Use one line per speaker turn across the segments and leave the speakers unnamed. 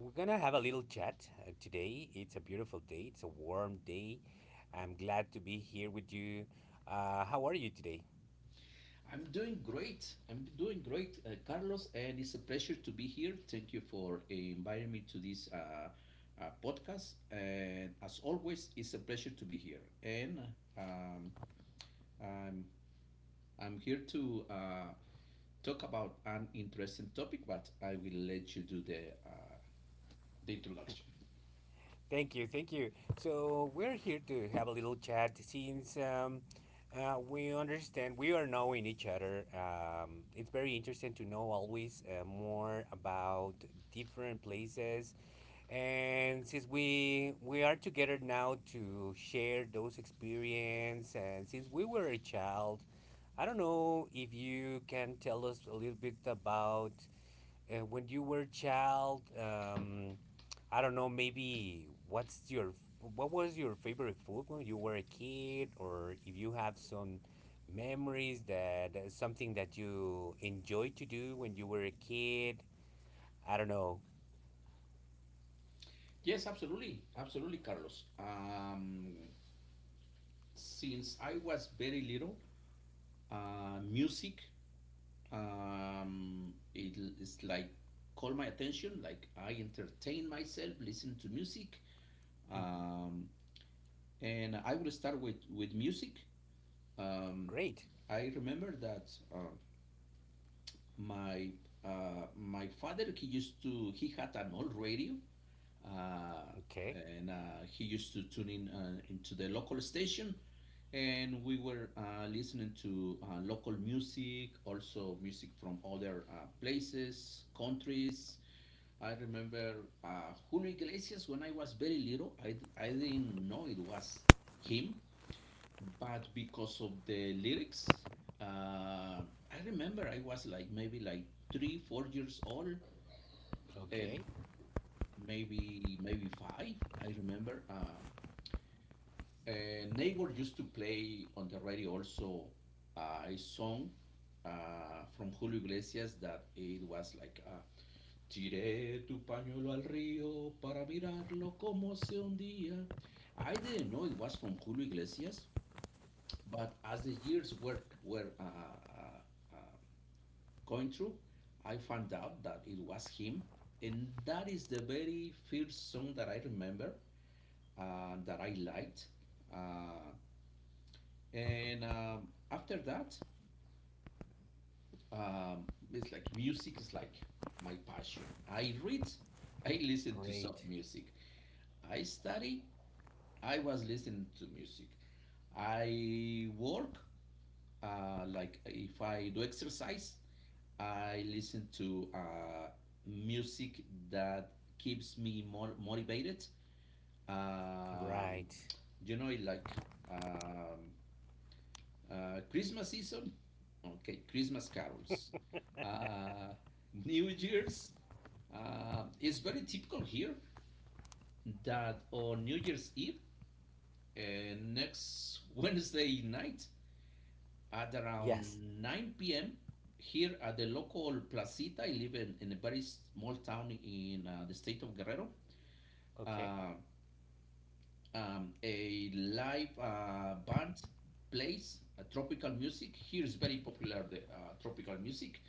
we're gonna have a little chat today. It's a beautiful day. It's a warm day. I'm glad to be here with you. How are you today?
I'm doing great. I'm doing great, Carlos, and it's a pleasure to be here. Thank you for inviting me to this podcast. And as always, it's a pleasure to be here. And um, I'm I'm here to talk about an interesting topic, but I will let you do the introduction.
Thank you, thank you. So we're here to have a little chat since we understand we are knowing each other. It's very interesting to know always more about different places, and since we are together now to share those experience, and since we were a child, I don't know if you can tell us a little bit about when you were a child, I don't know, maybe what was your favorite food when you were a kid, or if you have some memories that something that you enjoyed to do when you were a kid. I don't know.
Yes, absolutely, absolutely, Carlos. Since I was very little, music it is like call my attention like I entertain myself listen to music.
hmm
um, and I will start with music. um,
Great.
I remember that my my father he used to he had an old radio, uh,
Okay.
and he used to tune in into the local station, and we were listening to local music, also music from other places, countries. I remember Julio Iglesias. When I was very little, I didn't know it was him, but because of the lyrics, uh, I remember I was like maybe like three, 4 years old, and
Okay.
maybe five. I remember a neighbor used to play on the radio also a song from Julio Iglesias that it was like. Tiré tu pañuelo al río para mirarlo como se hundía. I didn't know it was from Julio Iglesias, but as the years were uh, going through, I found out that it was him, and that is the very first song that I remember that I liked. Uh, and After that, um, it's like music is like my passion. I read, I listen to
Great.
soft music. I study, I was listening to music. I work, like if I do exercise, I listen to music that keeps me more motivated. Um,
Right.
you know, like um, Christmas season, okay, Christmas carols. Uh, New Year's is very typical here that on New Year's Eve, next Wednesday night at
Yes.
around 9 p.m. here at the local placita. I live in a very small town in the state of Guerrero.
Okay.
Uh, a live band plays tropical music. Here is very popular the tropical music,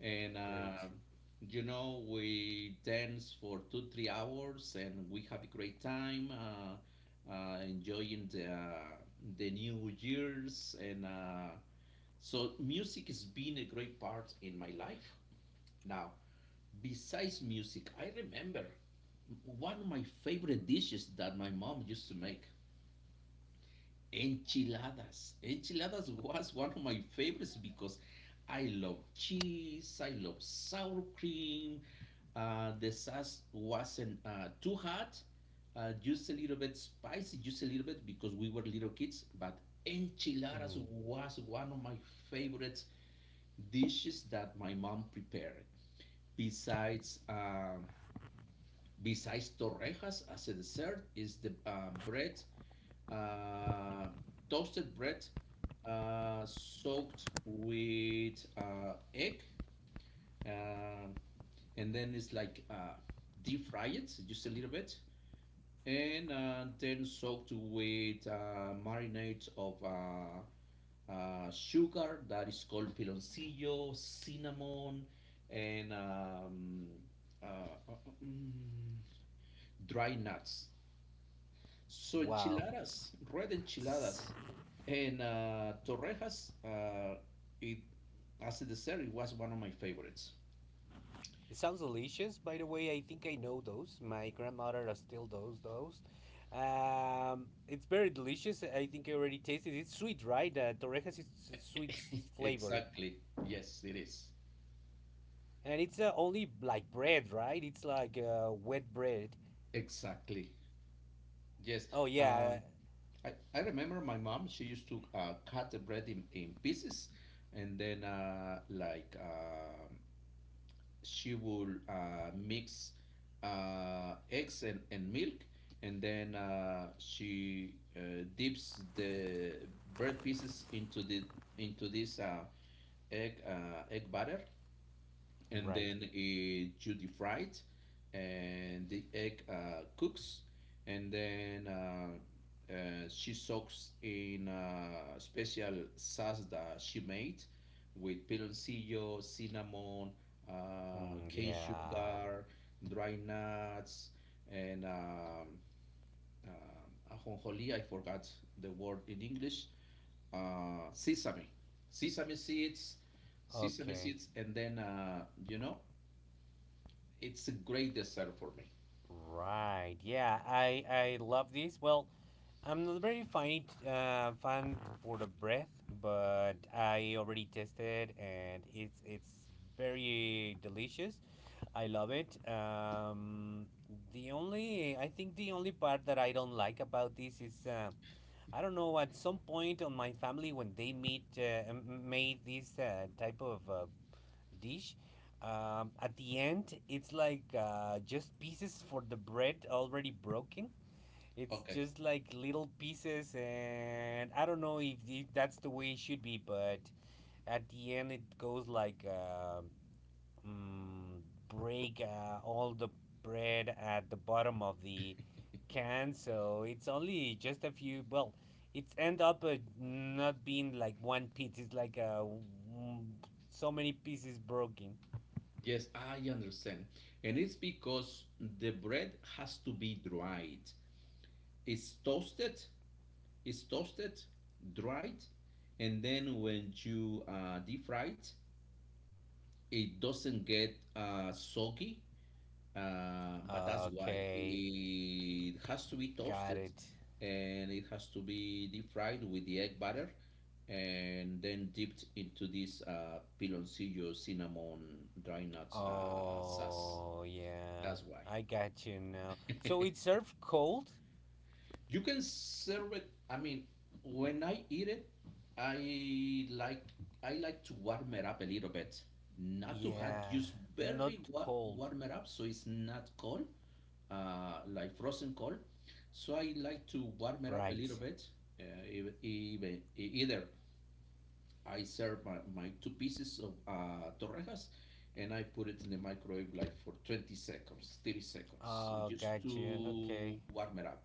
and
Great.
you know we dance for 2 3 hours and we have a great time, enjoying the new years. And. So music has been a great part in my life. Now, besides music, I remember one of my favorite dishes that my mom used to make, enchiladas. Enchiladas was one of my favorites because I love cheese, I love sour cream. The sauce wasn't too hot, just a little bit spicy, just a little bit because we were little kids. But enchiladas
Mm.
was one of my favorites dishes that my mom prepared. Besides, uh, Besides torrejas as a dessert is the bread, uh, toasted bread, soaked with egg, uh, and then it's like deep fry it just a little bit, and then soaked with marinades of sugar that is called piloncillo, cinnamon, and uh, uh, mm, dry nuts. So
Wow.
enchiladas, red enchiladas, and torrejas. It as a dessert, it was one of my favorites.
It sounds delicious, by the way. I think I know those. My grandmother still does those. It's very delicious. I think I already tasted it. It's sweet, right? Torrejas is sweet flavor.
exactly. Yes, it is.
And it's only like bread, right? It's like wet bread.
Exactly. Yes.
Oh, yeah.
Um, I remember my mom, she used to cut the bread in pieces and then she would mix eggs and milk and then she dips the bread pieces into the into this egg butter, and
Right.
then you deep-fry it, and the egg cooks, and then she soaks in a special sauce that she made with piloncillo, cinnamon,
Mm,
cane
yeah.
sugar, dry nuts, and ajonjolí. I forgot the word in English. Uh, sesame, sesame seeds, Sesame
Okay.
seeds, and then you know it's a great dessert for me.
Right. Yeah, I love this. Well, I'm not very fine fan for the breath, but I already tested and it's very delicious. I love it. The only I think the only part that I don't like about this is I don't know at some point on my family when they meet made this type of dish. At the end, it's like just pieces for the bread already broken. It's
Okay.
just like little pieces, and I don't know if that's the way it should be, but at the end, it goes like mm, break all the bread at the bottom of the can. So it's only just a few, well, it's end up not being like one piece. It's like mm, so many pieces broken.
Yes, I understand. And it's because the bread has to be dried. It's toasted, it's toasted, dried, and then when you deep fry it, it doesn't get soggy. But that's why
Okay,
it has to be
got
toasted
it.
and it has to be deep fried with the egg batter and then dipped into this piloncillo cinnamon dry nuts sauce.
Oh, yeah,
That's why.
I got you now. So it served cold?
You can serve it. I mean, when I eat it, I like I like to warm it up a little bit, not to hot,
Yeah,
just barely
not cold.
warm it up so it's not cold, like frozen cold. So I like to warm it up a
Right.
little bit. Either I serve my, my two pieces of torrejas, and I put it in the microwave like for 20 seconds, 30 seconds,
Oh,
just
got you.
to
Okay.
warm it up.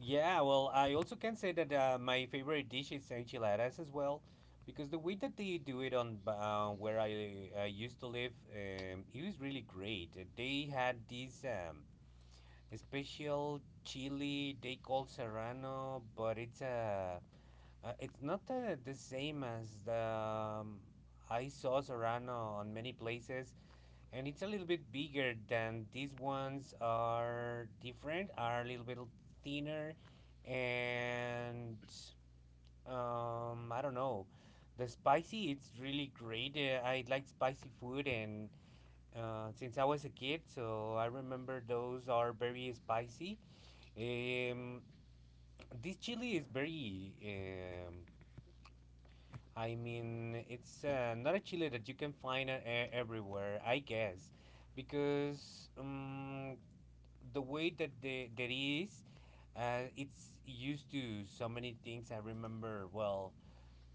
Yeah, well, I also can say that my favorite dish is enchiladas as well, because the way that they do it on where I used to live, it was really great. They had this a special chili they call serrano, but it's a it's not the same as the I saw serrano on many places, and it's a little bit bigger than these ones, are different, are a little bit thinner, and um, I don't know, the spicy it's really great. Uh, I like spicy food, and since I was a kid, so I remember those are very spicy. Um, this chili is very, I mean, it's not a chili that you can find everywhere, I guess, because the way that the, that it is, it's used to so many things. I remember well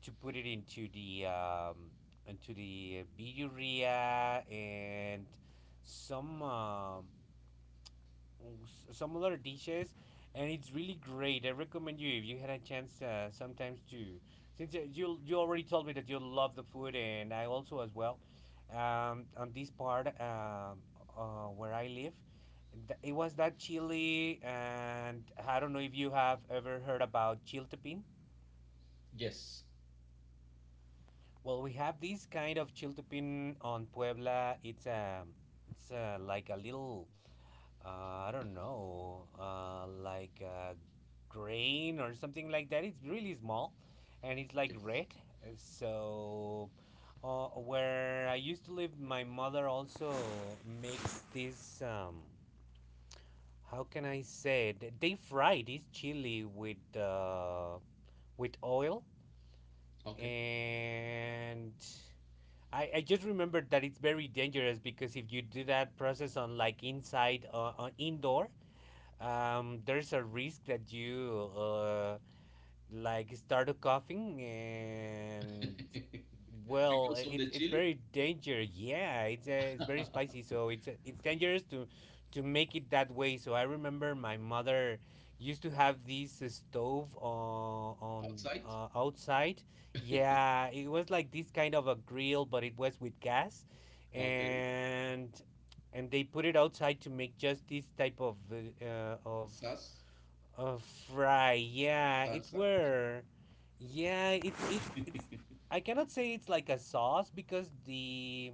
to put it into the birria and some um, some other dishes, and it's really great. I recommend you if you had a chance sometimes to, since uh, you already told me that you love the food, and I also as well, um, on this part, um, where I live, it was that chili, and I don't know if you have ever heard about chiltepin.
Yes.
Well, we have this kind of chiltepin on Puebla. It's um, it's like a little I don't know, like grain or something like that. It's really small and it's like
Yes.
red. So, where I used to live, my mother also makes this. How can I say it? They fry this chili with oil,
Okay.
and I just remembered that it's very dangerous because if you do that process on like inside on indoor, there's a risk that you like started coughing and, well,
because of
it's
the
it's
chili.
very dangerous. Yeah, it's very spicy, so it's dangerous to make it that way. So I remember my mother used to have this stove on
Outside.
outside. Yeah, it was like this kind of a grill, but it was with gas,
Okay.
and and they put it outside to make just this type of
Sas,
of right, yeah, it's
salsa.
were, yeah, it's. I cannot say it's like a sauce because the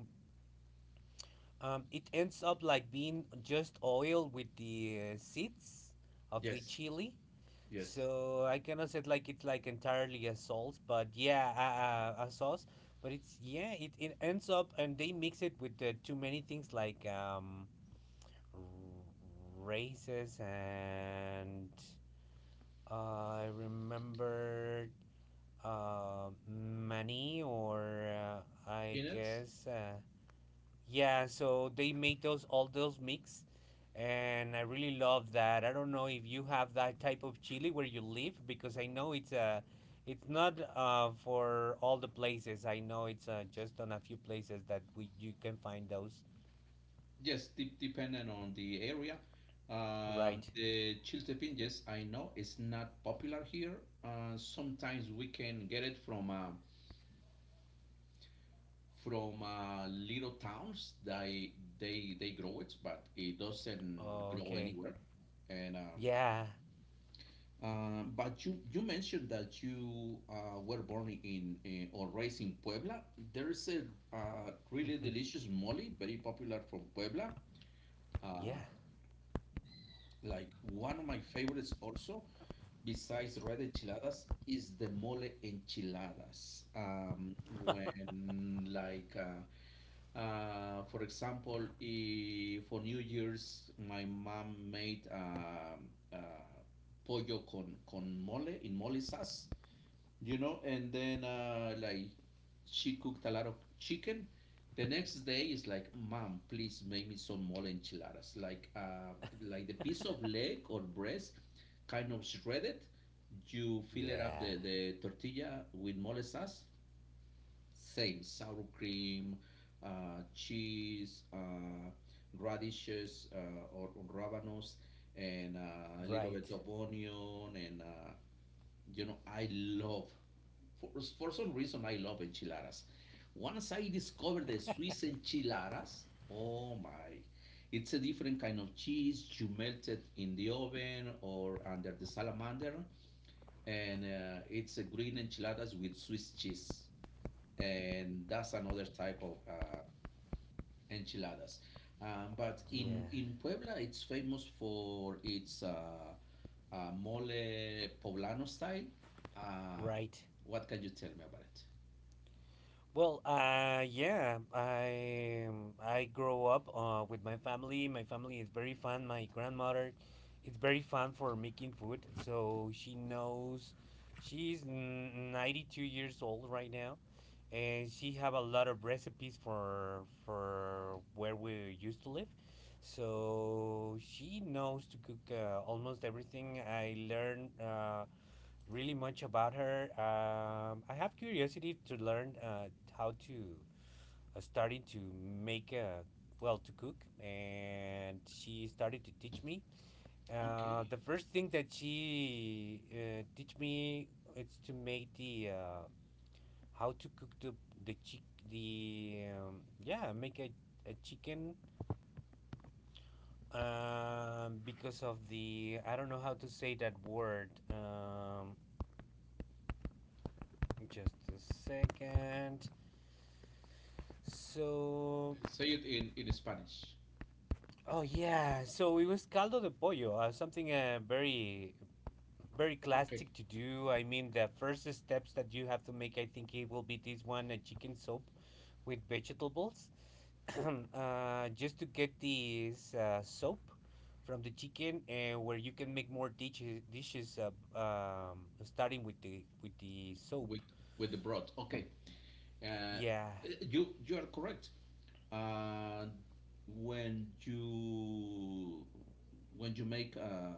um, it ends up like being just oil with the seeds of the
Yes.
chili.
Yes.
So I cannot say it like it's like entirely a sauce, but yeah, a sauce. But it's, yeah, it ends up and they mix it with too many things like um, r- races and I remember many or I
Peanuts.
guess yeah. So they make those all those mix, and I really love that. I don't know if you have that type of chili where you live because I know it's not for all the places. I know it's just on a few places that we you can find those.
Yes. Depending on the area.
Right.
The chiltepin, yes, I know it's not popular here. Sometimes we can get it from little towns. They they grow it, but it doesn't grow
Okay.
anywhere, and
Yeah.
But you mentioned that you were born in or raised in Puebla. There is a really delicious mole, very popular from Puebla.
yeah.
Uh, like one of my favorites also, besides red enchiladas, is the mole enchiladas. When like for example, for New Year's, my mom made pollo con mole in mole sauce, you know, and then like she cooked a lot of chicken. The next day is like, mom please make me some mole enchiladas, like the piece of leg or breast, kind of shredded. You fill it up
Yeah.
the tortilla with mole sauce, same sour cream, cheese, radishes, or rabanos, and a little bit
Right.
of onion. You know, I love, for, for some reason, I love enchiladas. Once I discovered the Swiss enchiladas, oh my, it's a different kind of cheese. You melt it in the oven or under the salamander, and it's a green enchiladas with Swiss cheese, and that's another type of enchiladas. But
Yeah.
in Puebla, it's famous for its mole poblano style. Uh,
Right.
what can you tell me about it?
Well, yeah, I grow up with my family. My family is very fun. My grandmother is very fun for making food, so she knows. She's 92 years old right now, and she have a lot of recipes for where we used to live. So she knows to cook almost everything. I learned. Really much about her. I have curiosity to learn how to starting to make a well, to cook, and she started to teach me.
Okay.
The first thing that she teach me is to make the how to cook the chick the yeah, make a chicken, because of the, I don't know how to say that word. Just a second. So,
Say it in Spanish.
oh yeah, so it was caldo de pollo, something very classic
Okay.
to do. I mean, the first steps that you have to make, I think it will be this one, a chicken soup with vegetables. Just to get this soap from the chicken, and where you can make more dishes starting with the soap.
with with the broth. Okay, uh,
Yeah,
you you are correct. Uh, when you when you make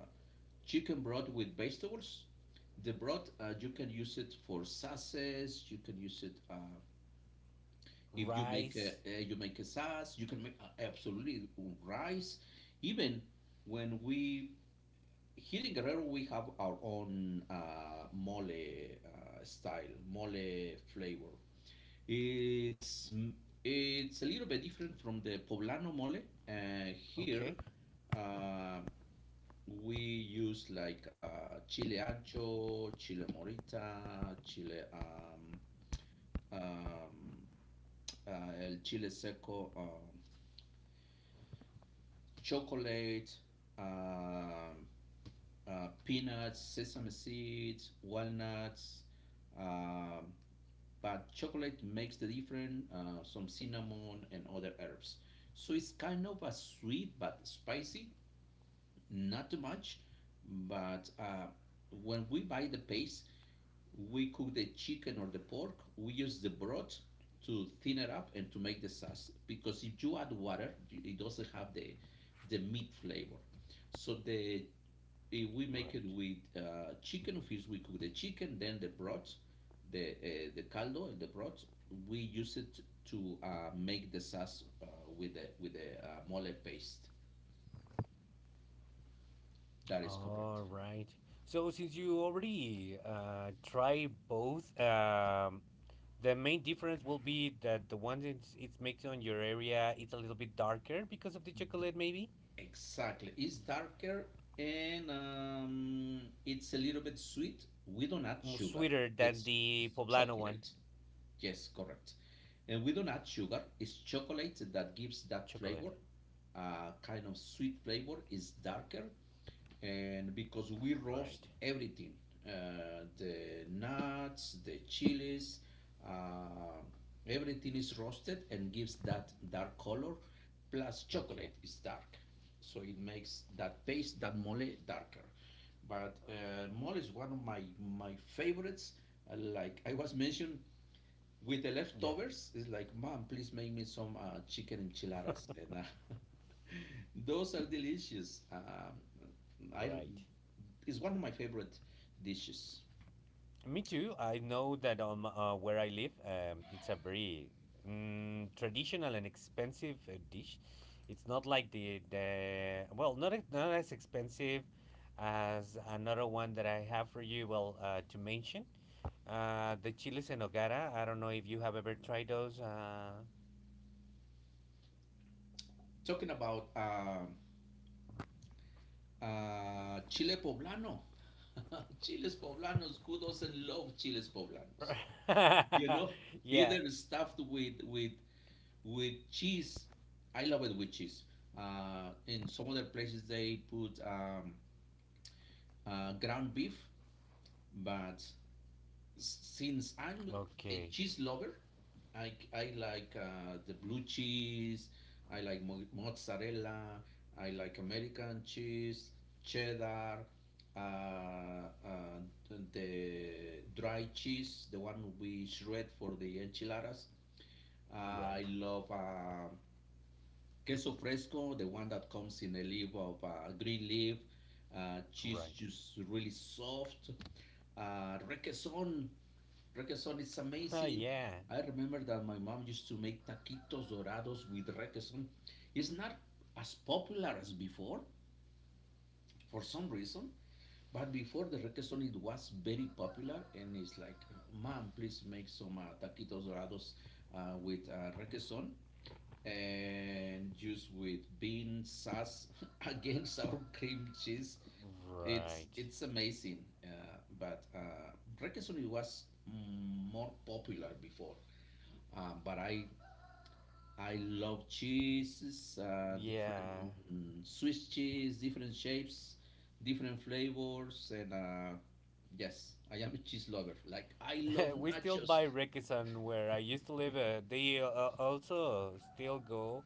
chicken broth with vegetables, the broth you can use it for sauces. You can use it if you make a
rice.
you make a sauce. You can make absolutely rice. Even when we here in Guerrero, we have our own mole style, mole flavor. It's a little bit different from the poblano mole. Here,
Okay.
uh, we use like chile ancho, chile morita, chile um, el chile seco, chocolate. um Peanuts, sesame seeds, walnuts, uh, but chocolate makes the difference, some cinnamon and other herbs. So it's kind of a sweet but spicy, not too much. But when we buy the paste, we cook the chicken or the pork, we use the broth to thin it up and to make the sauce. Because if you add water, it doesn't have the meat flavor. So the if we make it
Right.
with chicken. First, we cook the chicken, then the broth, the caldo and the broth. We use it to make the sauce with the mole paste. That is
All
correct.
right. So since you already try both, the main difference will be that the one that it's makes on your area it's a little bit darker because of the chocolate, maybe.
Exactly. It's darker, and it's a little bit sweet. We don't add sugar.
Sweeter than
It's,
the
it's
poblano one.
chocolate. Yes, correct. And we don't add sugar. It's chocolate that gives that
Chocolate.
flavor, kind of sweet flavor. It's darker, and because we roast
Right.
everything, the nuts, the chilies, uh, everything is roasted and gives that dark color. Plus,
Okay.
chocolate is dark, so it makes that paste, that mole, darker. But mole is one of my favorites. Like I was mentioned, with the
Yeah.
leftovers, it's like, Mom, please make me some chicken enchiladas. And those are delicious.
Right.
It's one of my favorite dishes.
Me too. I know that on where I live, it's a very traditional and expensive dish. It's not like the, well, not as expensive as another one that I have for you. Well, to mention, the chiles en nogada. I don't know if you have ever tried those.
Talking about chile poblano. Chiles poblanos, who doesn't love chiles poblanos? You know,
Yeah.
either stuffed with with cheese. I love it with cheese. In some other places, they put ground beef, but since I'm a
Okay.
cheese lover, I like the blue cheese, I like mozzarella, I like American cheese, cheddar, uh, uh, the dry cheese, the one we shred for the enchiladas. I
Right.
love Queso fresco, the one that comes in a leaf of green leaf, cheese
Right.
just really soft. Requesón, requesón is
Oh
amazing.
yeah.
I remember that my mom used to make taquitos dorados with requesón. It's not as popular as before, for some reason. But before the requesón, it was very popular, and it's like, mom, please make some taquitos dorados with requesón and juice with bean sauce again sour cream cheese. It's
Right.
it's amazing, but requesón it was more popular before. But I love cheeses, different
Yeah.
Swiss cheese, different shapes, different flavors, and yes, I am a cheese lover. Like I love
We still
nachos.
buy Rekisan where I used to live. They also still go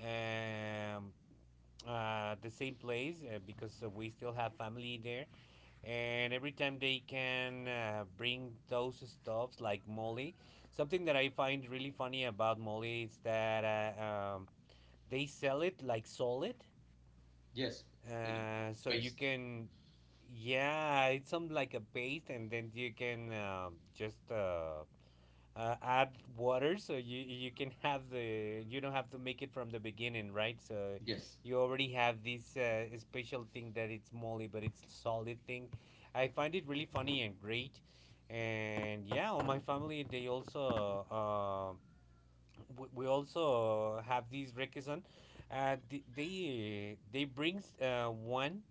um, the same place because we still have family there. And every time they can bring those stuffs like Molly, something that I find really funny about Molly is that um, they sell it like solid.
Yes, in a
So you
paste.
can, yeah, it's some like a paste, and then you can just add water so you can have the, you don't have to make it from the beginning, right? So
Yes,
you already have this special thing that it's molly, but it's solid thing. I find it really funny and great. And yeah, on my family they also we also have these requesón. They brings one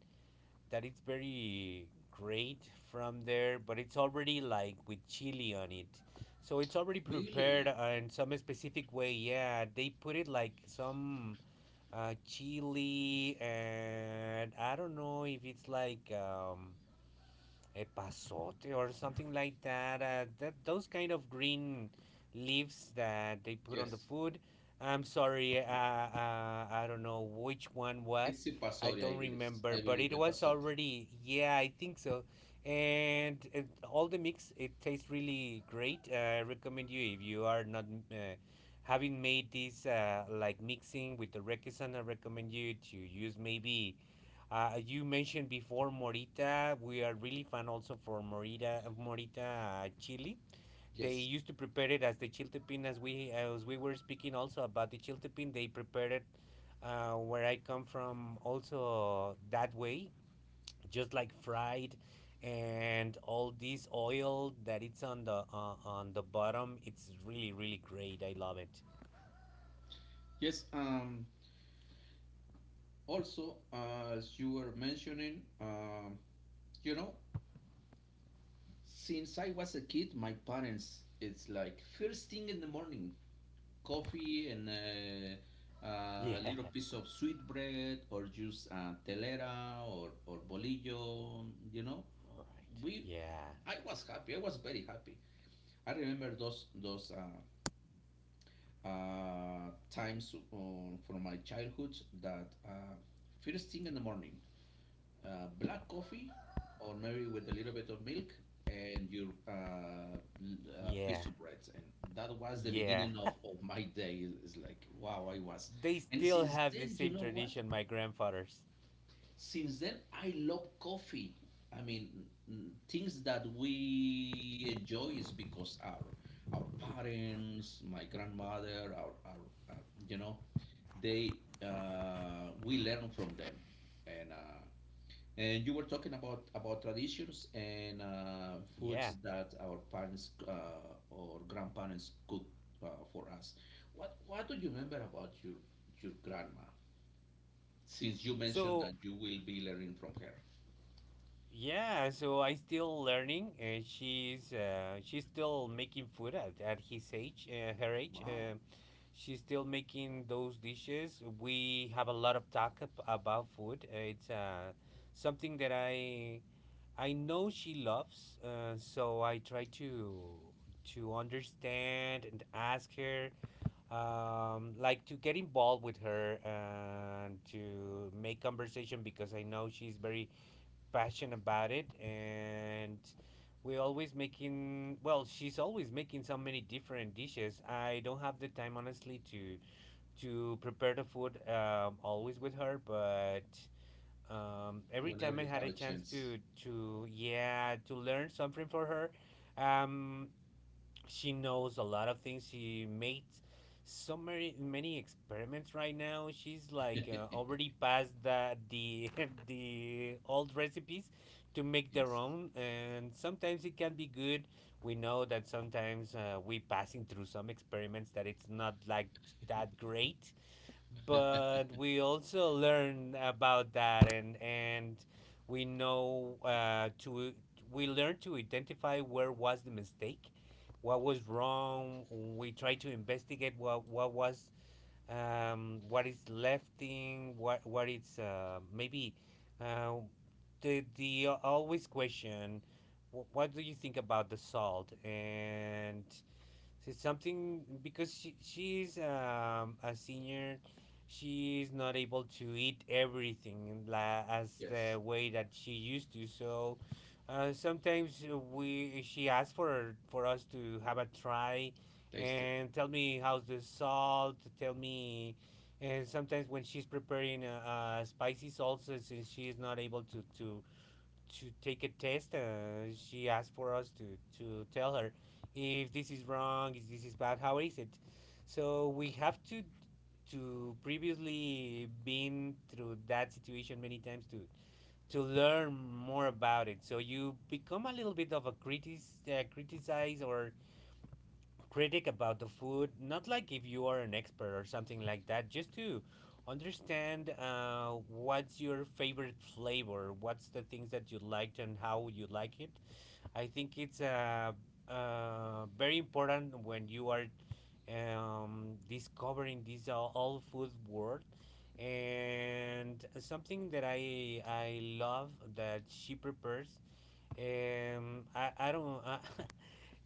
that it's very great from there, but it's already like with chili on it. So it's already prepared
really?
in some specific way. Yeah, they put it like some chili, and I don't know if it's like a or something like that. That those kind of green leaves that they put on the
Yes.
food. I'm sorry, I don't know which one
It's
was.
a
I
pasori,
don't
I believe.
remember,
I
but
believe
it
a
was
pasori.
already. Yeah, I think so. And it, all the mix, it tastes really great. I recommend you if you are not uh, having made this like mixing with the requesón. I recommend you to use maybe you mentioned before Morita. We are really fan also for Morita chili. They
Yes,
used to prepare it as the chiltepín, as we were speaking also about the chiltepín. They prepared it, where I come from, also that way, just like fried, and all this oil that it's on the bottom. It's really, really great. I love it.
yes. Um, also, as you were mentioning, you know, since I was a kid, my parents, it's like first thing in the morning, coffee and
Yeah.
a little piece of sweet bread or just telera or bolillo, you know.
Right.
We,
Yeah.
I was happy. I was very happy. I remember those times from my childhood that first thing in the morning, black coffee, or maybe with a little bit of milk and your l-
Yeah.
piece of bread. And that was the
Yeah.
beginning of my day. It- It's like, wow, I was.
They
And
still
since
have the
then, you
same
know what?
tradition, my grandfather's.
Since then, I love coffee. I mean, n- things that we enjoy is because our parents, my grandmother, our, you know, they we learn from them, and uh, and you were talking about traditions and
yeah
foods that our parents or grandparents cook uh, for us. What do you remember about your grandma? Since you mentioned
so
that you will be learning from her.
yeah so I still learning, and she's still making food at his age her age.
Wow.
She's still making those dishes. We have a lot of talk about food. It's Something that I know she loves, so I try to understand and ask her. Like to get involved with her and to make conversation, because I know she's very passionate about it. And we always making well she's always making so many different dishes. I don't have the time, honestly, to prepare the food, always with her. But every
Whenever
time I
you
had
have
a
a
chance
chance.
to, yeah, to learn something for her. um she knows a lot of things. She makes so many, many experiments right now. She's like,
Yes.
already passed the the old recipes to make their own, and sometimes it can be good. We know that sometimes, we passing through some experiments that it's not like that great, but we also learn about that. And we know, to we learn to identify where was the mistake, what was wrong. We try to investigate what was, what is lefting, what is, maybe, uh, the always question. What do you think about the salt? And so, it's something because she's, a senior, she's not able to eat everything as the
Yes.
way that she used to. So sometimes we she asks for us to have a try
Taste it.
and tell me how's the salt. Tell me. And sometimes when she's preparing a spicy salsa, since she is not able to take a test. She asked for us to tell her if this is wrong, if this is bad, how is it. So we have to previously been through that situation many times to learn more about it. So you become a little bit of a critic, criticize or critic about the food, not like if you are an expert or something like that, just to understand, what's your favorite flavor, what's the things that you liked, and how you like it. I think it's, very important when you are, discovering this all food world. And something that I love that she prepares. I don't.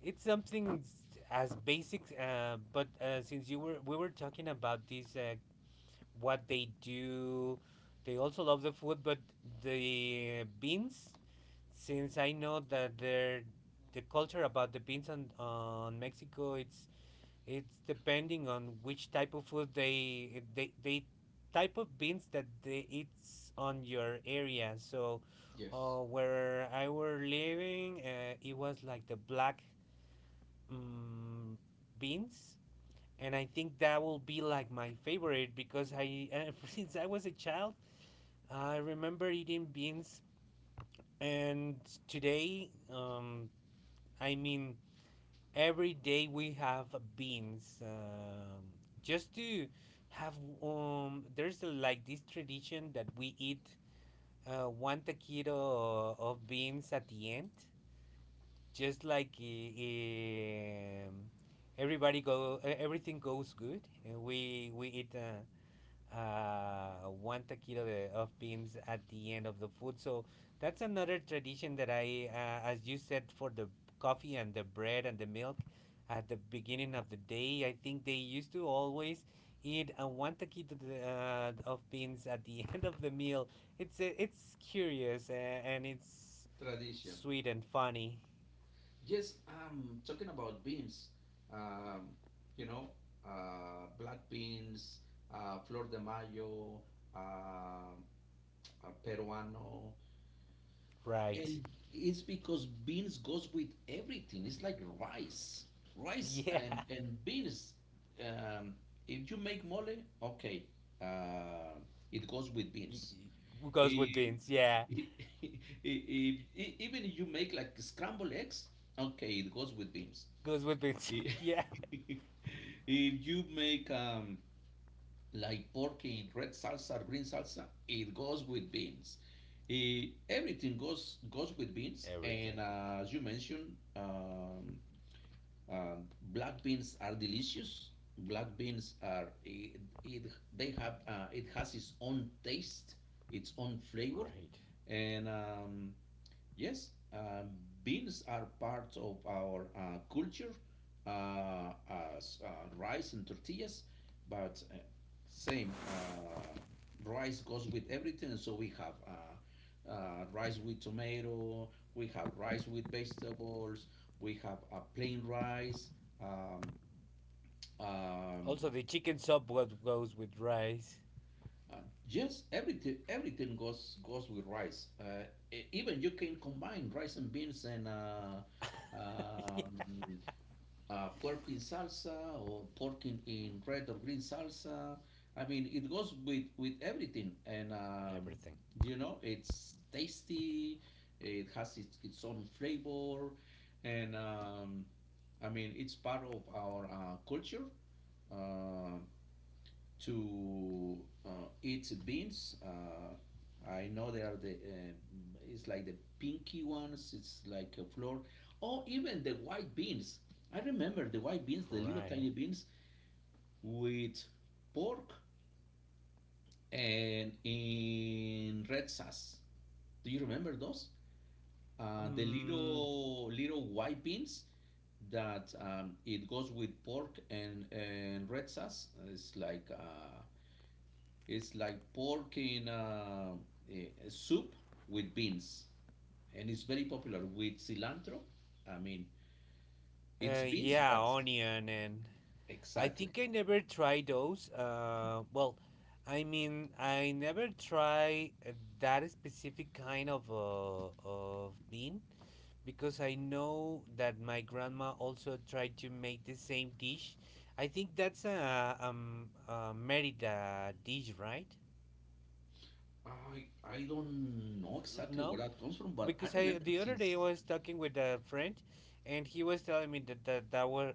It's something as basic, but since you were we were talking about this, what they do, they also love the food. But the beans, since I know that they're — the culture about the beans on Mexico, it's depending on which type of food they type of beans that they, it's on your area. So
Yes.
where I were living, it was like the black, mm, beans. And I think that will be like my favorite, because I, since I was a child, I remember eating beans. And today, I mean, every day we have beans, just to have — there's like this tradition that we eat, one taquito of beans at the end, just like um, everybody everything goes good, and we eat, one taquito de, of beans at the end of the food. So that's another tradition that I, as you said, for the coffee and the bread and the milk at the beginning of the day. I think they used to always eat a one taquito de, of beans at the end of the meal. It's curious, and it's
Tradition.
sweet and funny.
Yes, I'm talking about beans. Um, you know, Black beans, flor de mayo, uh, peruano,
Right.
and it's because beans goes with everything. It's like rice, rice
Yeah.
and beans. Um, if you make mole, okay, uh, it goes with beans.
Goes with
If,
beans. Yeah.
if, if even if you make like scrambled eggs, okay, it goes with beans.
Goes with beans.
I-
Yeah.
if you make like pork in red salsa or green salsa, it goes with beans. Eh, everything goes with beans, and as you mentioned, uh, black beans are delicious. Black beans are it, it they have it has its own taste, its own flavor, and yes, beans are part of our culture as rice and tortillas, but same rice goes with everything. So we have rice with tomato, we have rice with vegetables, we have plain rice, um, um,
Also, the chicken soup was — goes with rice.
uh, just everything, everything goes with rice. E- even you can combine rice and beans and um, pork in salsa or pork in red or green salsa. I mean, it goes with everything, and you know, it's tasty. It has its own flavor, and I mean, it's part of our culture. Uh, to uh, eat beans. I know they are the it's like the pinky ones. It's like a floor, or even the white beans. I remember the white beans, the little
Right.
tiny beans with pork and in red sauce. Do you remember those? The
Um.
little little white beans that it goes with pork and red sauce. It's like it's like pork in a, soup with beans, and it's very popular with cilantro. I mean, it's beans,
Yeah,
but
onion and — I
exactly.
think I never tried those. Well, I mean, I never try that specific kind of bean, because I know that my grandma also tried to make the same dish. I think that's a Merida dish, right?
I don't know exactly where
No,
that comes from, but I
because I
remember
the other day I
since
was talking with a friend, and he was telling me that that were,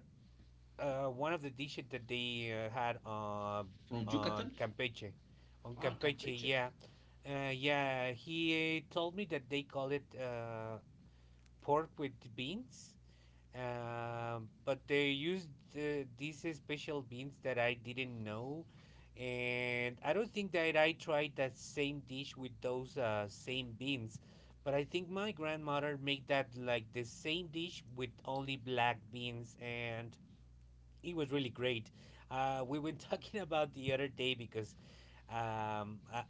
one of the dishes that they, had
from
on
Yucatan.
Campeche, on
Ah,
Campeche,
Campeche.
yeah, yeah. He, told me that they call it, pork with beans. But they used, these, special beans that I didn't know, and I don't think that I tried that same dish with those, same beans. But I think my grandmother made that like the same dish with only black beans, and it was really great. We were talking about the other day because, I,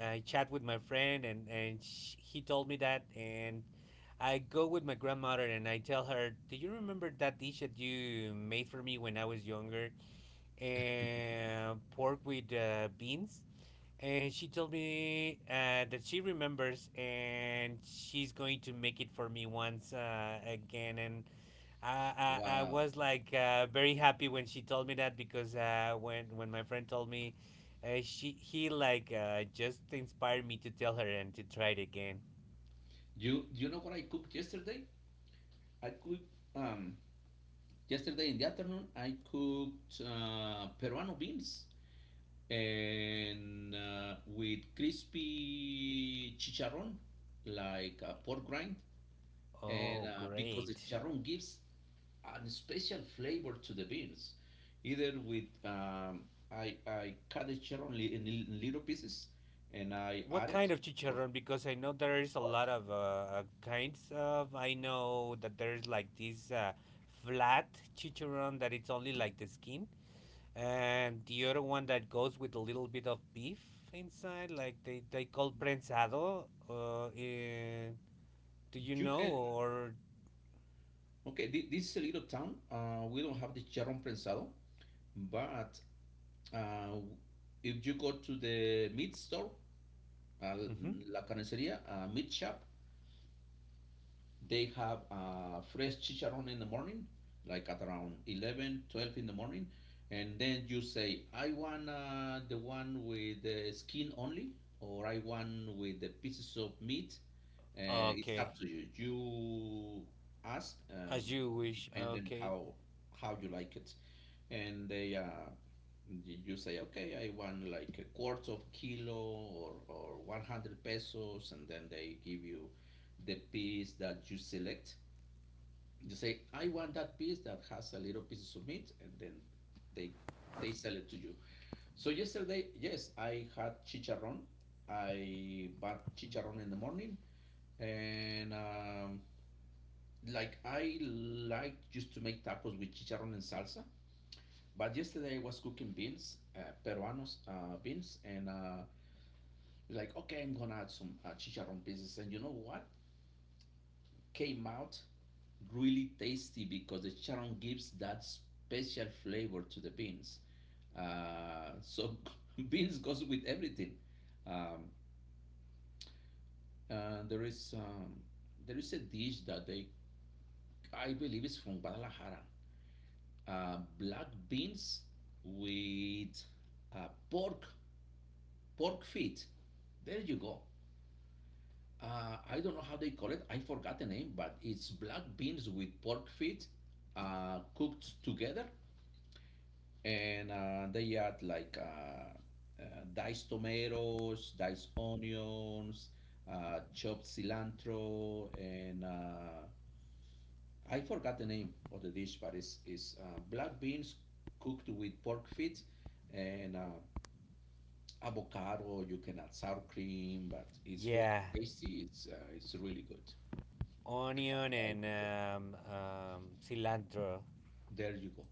I I chat with my friend, and sh he told me that, and I go with my grandmother and I tell her, "Do you remember that dish that you made for me when I was younger? And pork with, beans." And she told me, that she remembers and she's going to make it for me once, again. And I
Wow.
was like, very happy when she told me that, because, when my friend told me, she he, like, just inspired me to tell her and to try it again.
You know what I cooked yesterday? I cooked um yesterday in the afternoon. I cooked Peruano beans. And with crispy chicharron, like a pork rind, and
Oh,
because the
great.
chicharron gives a special flavor to the beans, either with I cut the chicharron li- in li- little pieces, and I
What
add it
kind of
for
chicharrón? Because I know there is a
pork.
lot of, kinds of. I know that there is like this, flat chicharrón that it's only like the skin, and the other one that goes with a little bit of beef inside, like they call prensado. Do you
You
know,
can
or?
okay. thi- This is a little town. We don't have the chicharron prensado, but uh, if you go to the meat store a
Mhm.
la carnicería, a Meat Shop, they have fresh chicharron in the morning, like at around 11, 12 in the morning. And then you say, I want the one with the skin only, or I want with the pieces of meat. It's up
Okay,
to you. You ask,
as you wish.
depending
Okay.
how you like it, and they you say, okay, I want like a quarter of kilo or 100 pesos, and then they give you the piece that you select. You say, I want that piece that has a little piece of meat, and then they they sell it to you. So yesterday, yes, I had chicharron. I bought chicharron in the morning, and like I like just to make tacos with chicharron and salsa. But yesterday I was cooking beans, peruanos beans, and like okay, I'm gonna add some chicharron pieces. And you know what? Came out really tasty because the charron gives that special flavor to the beans. So beans goes with everything. Um, and there is a dish that they I believe is from Guadalajara. Black beans with uh, pork pork feet. There you go. I don't know how they call it. I forgot the name, but it's black beans with pork feet cooked together and they add like diced tomatoes, diced onions, chopped cilantro, and I forgot the name of the dish, but it's black beans cooked with pork feet and avocado. You can add sour cream, but it's really
Yeah,
tasty. It's really good.
onion
Try it
and,
before.
cilantro.
There you go.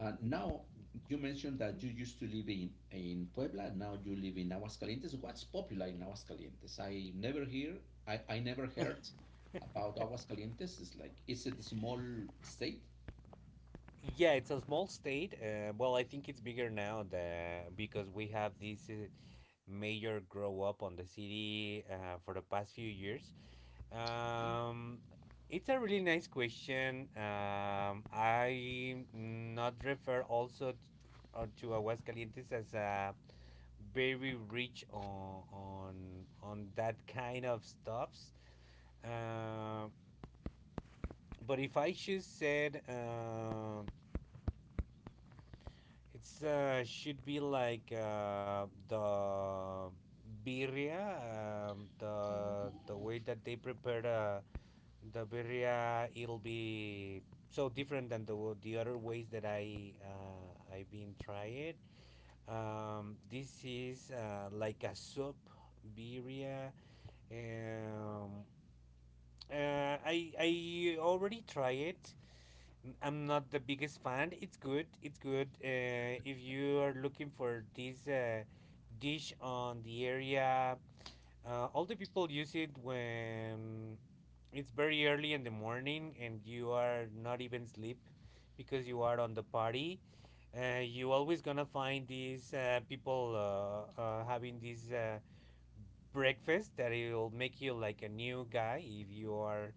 Now, you mentioned that you used to live in Puebla, now you live in Aguascalientes. What's popular in Aguascalientes? I never hear, I never heard about Aguascalientes. It's like, is it a small state?
Yeah, it's a small state. Well, I think it's bigger now because we have this, major grow up on the city, for the past few years.
Okay.
Um, it's a really nice question. I not refer also to Aguascalientes as a very rich on that kind of stuffs. Uh, but if I should said. It's, should be like, the birria, the way
Oh,
that they prepare, the birria. It'll be so different than the other ways that I've been trying. This is, like a soup birria. Um, I already tried it. I'm not the biggest fan. It's good. It's good. If you are looking for this, dish on the area, all the people use it when it's very early in the morning and you are not even sleep because you are on the party. You always gonna find these, people, having this, breakfast that it will make you like a new guy if you are,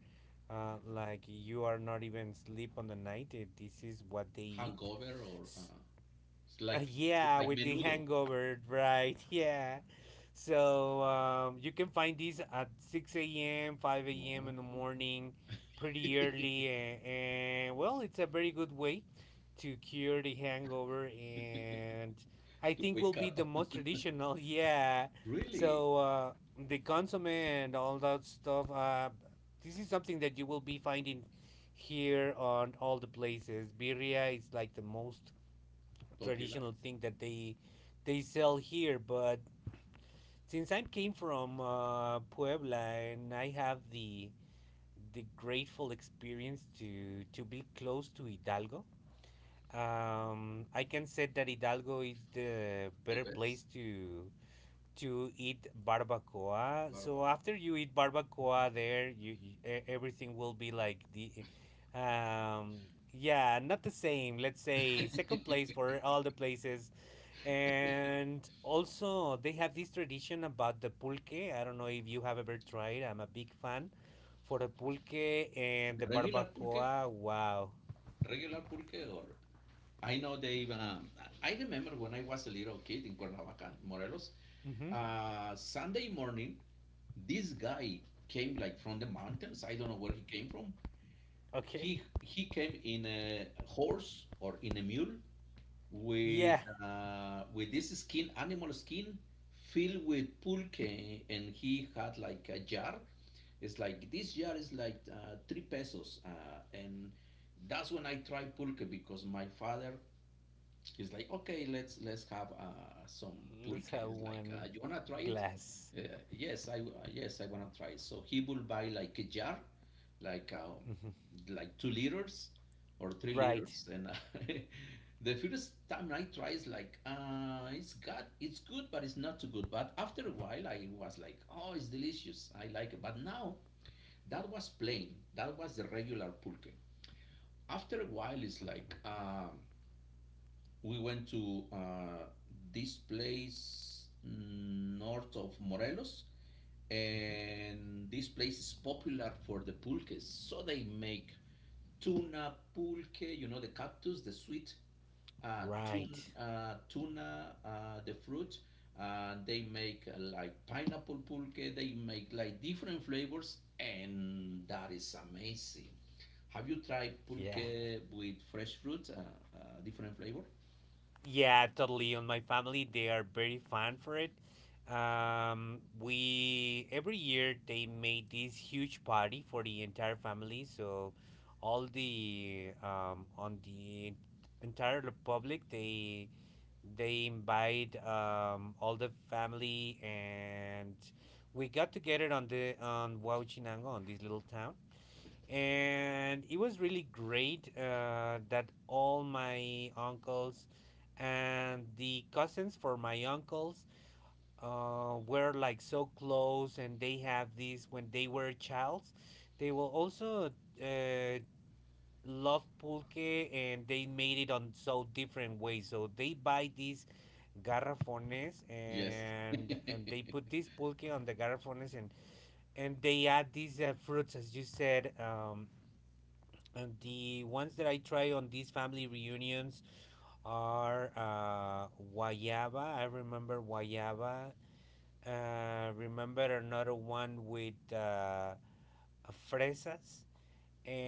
like you are not even sleep on the night. This is what they eat.
hangover or
S-
it's like it's
yeah,
like
with the
menudo.
hangover, right? Yeah. So, you can find these at 6 a.m., 5 a.m.
Oh.
in the morning, pretty
To
early. And Well, it's a very good way to cure the hangover. And I think will
wake
be the
up.
most traditional. Yeah.
Really
So, the consomme and all that stuff, this is something that you will be finding here on all the places. Birria is like the most
popular.
traditional thing that they sell here. But since I came from, Puebla, and I have the grateful experience to be close to Hidalgo, I can say that Hidalgo is the
The
better place
best
to eat barbacoa. So
barbacoa.
after you eat barbacoa there, everything will be like the, um yeah, not the same. Let's say second place for all the places. And also, they have this tradition about the pulque. I don't know if you have ever tried. I'm a big fan for the pulque and
The
the
regular pulque,
barbacoa. Wow.
regular pulque or I know they. I remember when I was a little kid in Cuernavaca, Morelos.
Hmm.
Sunday morning, this guy came like from the mountains. I don't know where he came from.
Okay.
He came in a horse or in a mule with
Yeah.
with this skin, animal skin, filled with pulque, and he had like a jar. It's like this jar is like 3 pesos, and that's when I tried pulque because my father it's like, okay, let's have some
Let's
pulque.
have
It's like,
one
you wanna try it?
glass.
Yes, I w- yes I wanna try it. So he will buy like a jar, like uh,
Mhm.
like 2 liters or three
Right.
liters, and the first time I try is like, it's got it's good, but it's not too good. But after a while, I was like, oh, it's delicious. I like it. But now that was plain. That was the regular pulque after a while it's like we went to this place north of Morelos,
Hmm.
and this place is popular for the pulques. So they make tuna pulque, you know, the cactus, the sweet tun,
Right.
tuna, the fruit. They make like pineapple pulque. They make like different flavors, and that is amazing. Have you tried
Yeah.
pulque with fresh fruit, different flavor?
Yeah, totally. On my family, they are very fan for it. We every year they made this huge party for the entire family, so all the on the entire republic they invite all the family, and we got together on the on Huachinango, on this little town. And it was really great that all my uncles and the cousins for my uncles were like so close, and they have this. When they were childs, they will also uh, love pulque, and they made it on so different ways, so they buy these garrafones,
Yes.
and they put this pulque on the garrafones, and they add these fruits, as you said. And the ones that I try on these family reunions are guayaba. I remember guayaba. Remember another one with fresas,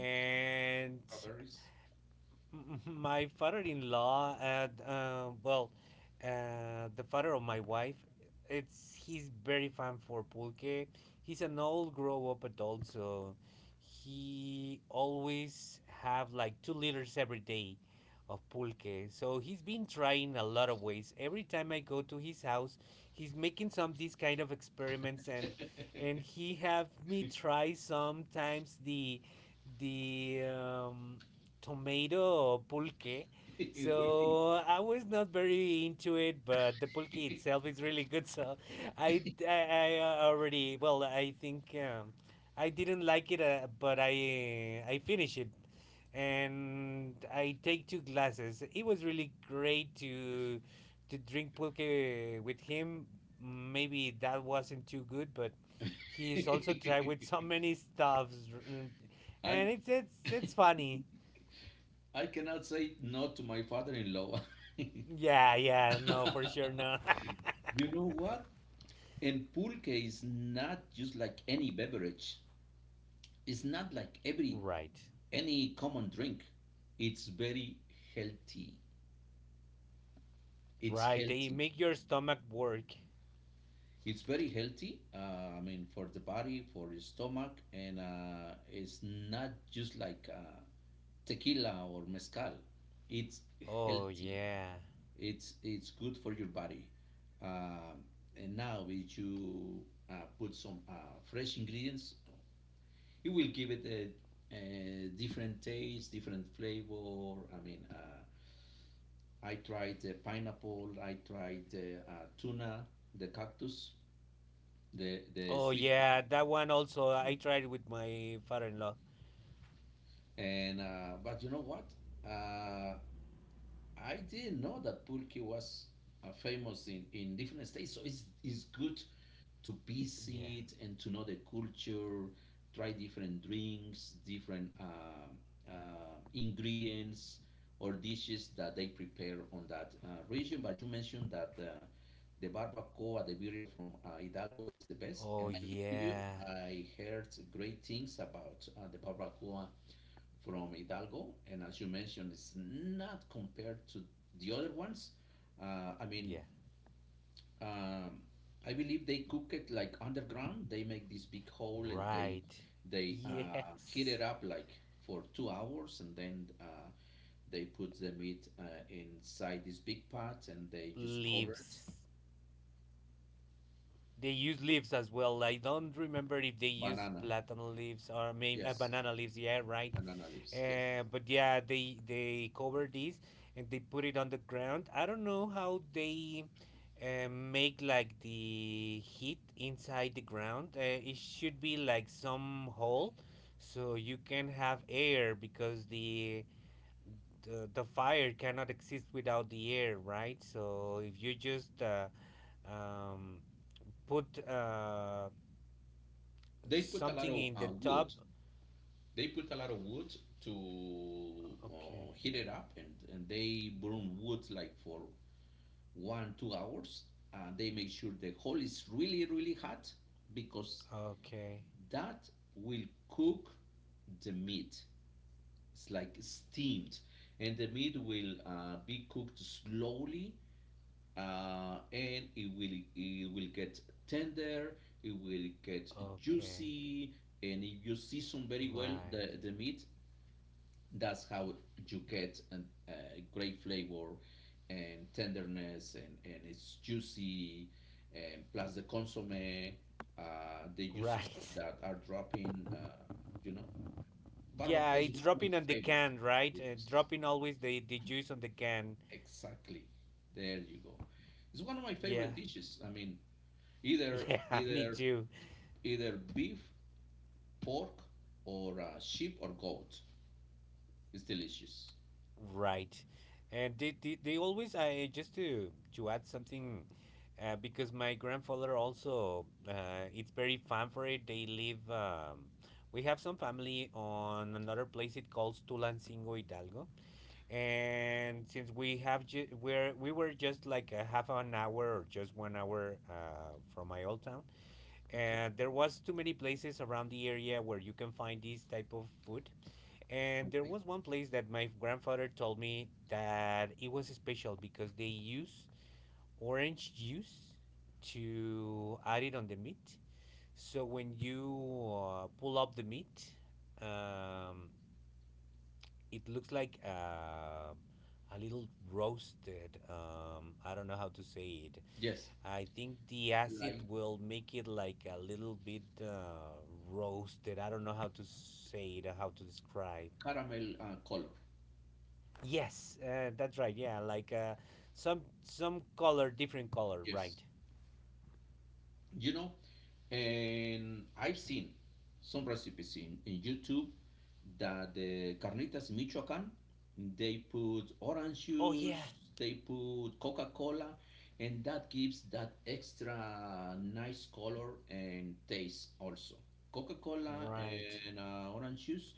Okay. Strawberries?
my father-in-law, and well, the father of my wife, it's he's very fan for pulque. He's an old grow up adult, so he always have like 2 liters every day of pulque, so he's been trying a lot of ways. Every time I go to his house, he's making some these kind of experiments, and he have me try sometimes the tomato pulque.
Really.
So I was not very into it, but the pulque itself is really good. So I already, well, I think I didn't like it, but I finished it, and I take two glasses. It was really great to drink pulque with him. Maybe that wasn't too good, but he's also tried with so many stuffs,
I
and it's funny.
I cannot say no to my father-in-law.
Yeah, yeah, no, for sure no.
You know what? And pulque is not just like any beverage. It's not like every
right,
any common drink. It's very healthy. It's
right, they
healthy.
make your stomach work.
It's very healthy. I mean, for the body, for the stomach, and it's not just like tequila or mezcal. It's
Oh,
healthy.
yeah.
It's good for your body. Um, and now, if you put some fresh ingredients, it will give it a different taste, different flavor. I mean, I tried the pineapple. I tried the tuna, the cactus, the
Oh,
sweet fruit.
yeah, that one also, I tried with my father in law.
And but you know what? Uh, I didn't know that pulque was famous in different states. So it's good to
Yeah.
visit and to know the culture, try different drinks, different ingredients or dishes that they prepare on that region. But you mentioned that. The barbacoa de birria from Hidalgo is the best,
Oh,
and I believe you.
yeah.
I heard great things about the barbacoa from Hidalgo, and as you mentioned, it's not compared to the other ones. I mean,
Yeah.
um, I believe they cook it like underground. They make this big hole and they
Right.
they heat
Yes.
it up like for 2 hours, and then they put the meat inside this big pot and they just cover it.
Leaves. They use leaves as well. I don't remember if they use
Banana,
platan leaves or maybe
yes,
banana leaves. Yeah, right.
banana leaves, yes.
But yeah, they cover this and they put it on the ground. I don't know how they make like the heat inside the ground. It should be like some hole so you can have air, because the fire cannot exist without the air, right? So if you just um, put uh,
They put a lot
Something
of
in the
wood.
top.
They put a lot of wood to
Okay.
heat it up, and they burn wood like for 1 2 hours. They make sure the hole is really really hot because
Okay.
that will cook the meat. It's like steamed, and the meat will be cooked slowly, and it will get tender. It will get
Okay.
juicy, and if you season very well
Right.
the meat, that's how you get a great flavor and tenderness, and it's juicy, and plus the consomme, the juices
Right.
that are dropping. You know,
Yeah,
barbacoa is
it's
one of my
dropping on the
favorites
can, right?
dishes.
Dropping always the juice on the can.
Exactly. There you go. It's one of my
Yeah.
favorite dishes, I mean, either
Yeah, me
either
too.
either beef, pork, or sheep or goat. It's delicious.
Right. And they always, I just to add something, because my grandfather also, it's very fun for it. They live. We have some family on another place, it calls Tulancingo Hidalgo, and since we have ju- we're we were just like a half an hour or just 1 hour from my old town.
Okay.
And there was too many places around the area where you can find this type of food, and there
Okay.
was one place that my grandfather told me that it was special, because they use orange juice to add it on the meat. So when you pull up the meat, um, it looks like a little roasted. I don't know how to say it.
Yes,
I think the acid
like
will make it like a little bit roasted. I don't know how to say it, how to describe.
caramel color.
Yes, that's right. Yeah, like some color, different color, right?
Yes. You know, and I've seen some recipes in YouTube that the carnitas in Michoacan, they put orange
Oh yeah,
juice, they put Coca-Cola, and that gives that extra nice color and taste also. Coca-Cola
right.
and orange juice,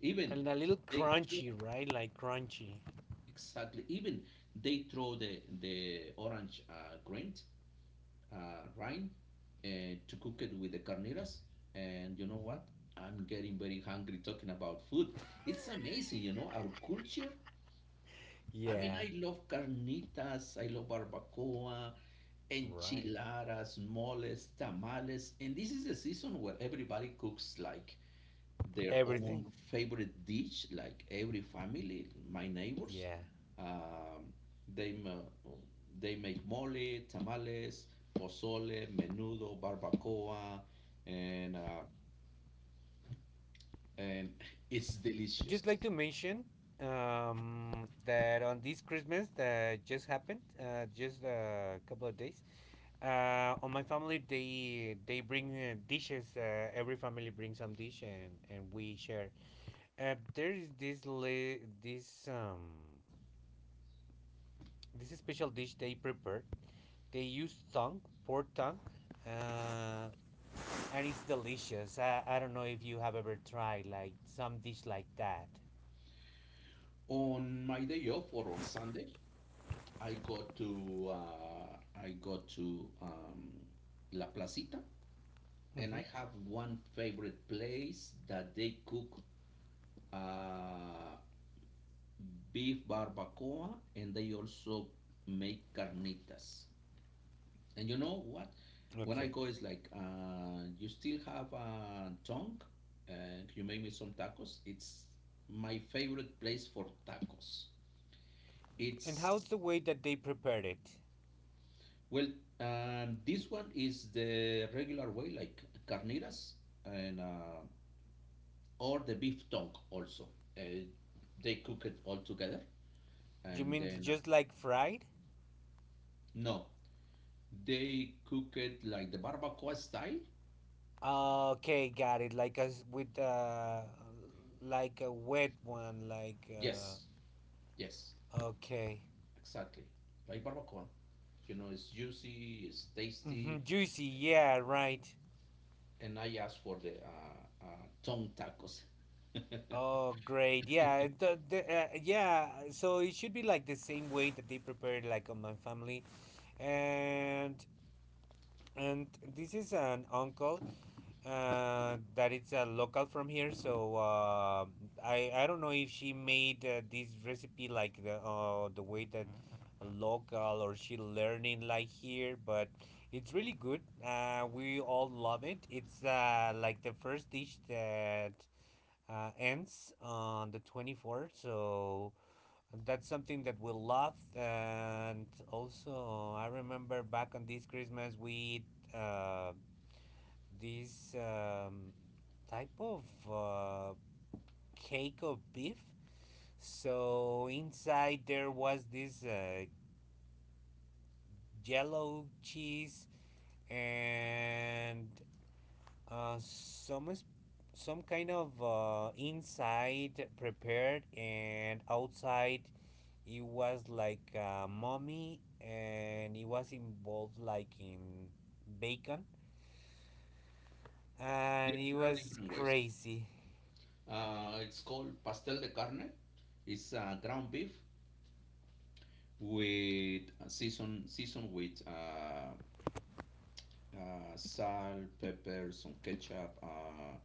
even
And a little
they throw.
crunchy, right? Like crunchy.
Exactly, even they throw the orange grind rind, and to cook it with the carnitas. And you know
Hmm.
what? I'm getting very hungry talking about food. It's amazing, you know, our culture. I mean,
Yeah,
I love carnitas, I love barbacoa,
right.
enchiladas, moles, tamales, and this is the season where everybody cooks like their
Everything.
own favorite dish, like every family, my neighbors.
Yeah.
Um, they, ma- they make mole, tamales, pozole, menudo, barbacoa, and, uh, and it's
I'd just
delicious.
like to mention that on this Christmas that just happened, just a couple of days, on my family they bring dishes. Every family brings some dish, and we share. There is this li- this this special dish they prepared. They use tongue, pork tongue, uh, and it's delicious. I don't know if you have ever tried like some dish like that.
On my day off or on Sunday, I go to La Placita, and
Mm-hmm.
I have one favorite place that they cook uh, beef barbacoa, and they also make carnitas. And you know what? When I
Okay.
go, it's like, you still have a tongue? Uh, can you make me some tacos? It's my favorite place for tacos.
And how's
It's,
the way that they prepared it?
well, this one is the regular way, like carnitas, and or the beef tongue also. Uh, they cook it all together,
You
and
mean
then
just like fried?
no. They cook it like the barbacoa style.
Okay, got it. Like a with like a wet one. Like
Yes, yes,
okay,
exactly. Like barbacoa. You know, it's juicy, it's
hmm,
tasty.
juicy. Yeah, right.
And I asked for the tongue tacos.
Oh, great. Yeah, yeah. So it should be like the same way that they prepared like on my family, and and this is an uncle that it's a local from here. So I don't know if she made this recipe like the way that a local, or she learning like here, but it's really good. We all love it. It's like the first dish that ends on the 24th. So that's something that we love, and also I remember back on this Christmas we eat this type of uh, cake of beef. So inside there was this yellow cheese, and uh, some s- some kind of inside prepared, and outside it was like a mummy, and it was involved like in bacon, and
Yes,
it
there are
was
different ways.
crazy.
It's called pastel de carne. It's ground beef with seasoned with salt, pepper, some ketchup.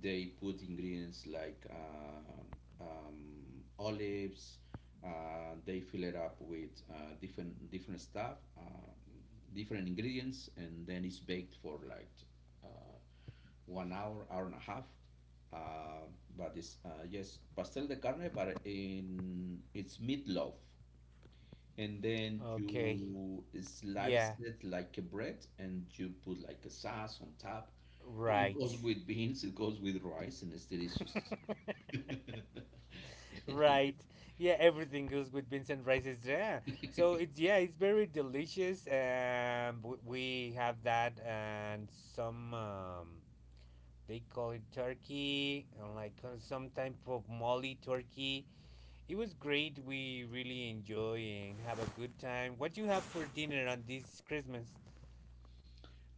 They put ingredients like olives. They fill it up with different stuff, different ingredients, and then it's baked for like uh, 1 hour, hour and a half. Uh, but it's yes, pastel de carne, but in it's meatloaf, and then
Okay.
you slice
Yeah.
it like a bread and you put like a sauce on top. It
Right.
goes with beans, it goes with rice, and it's delicious. Yes.
right. Yeah, everything goes with vincent rice's, yeah. So it's, yeah, it's very delicious. We have that, and some they call it turkey, and like some type of molly turkey. It was great. We really enjoy and have a good time. What you have for dinner on this Christmas?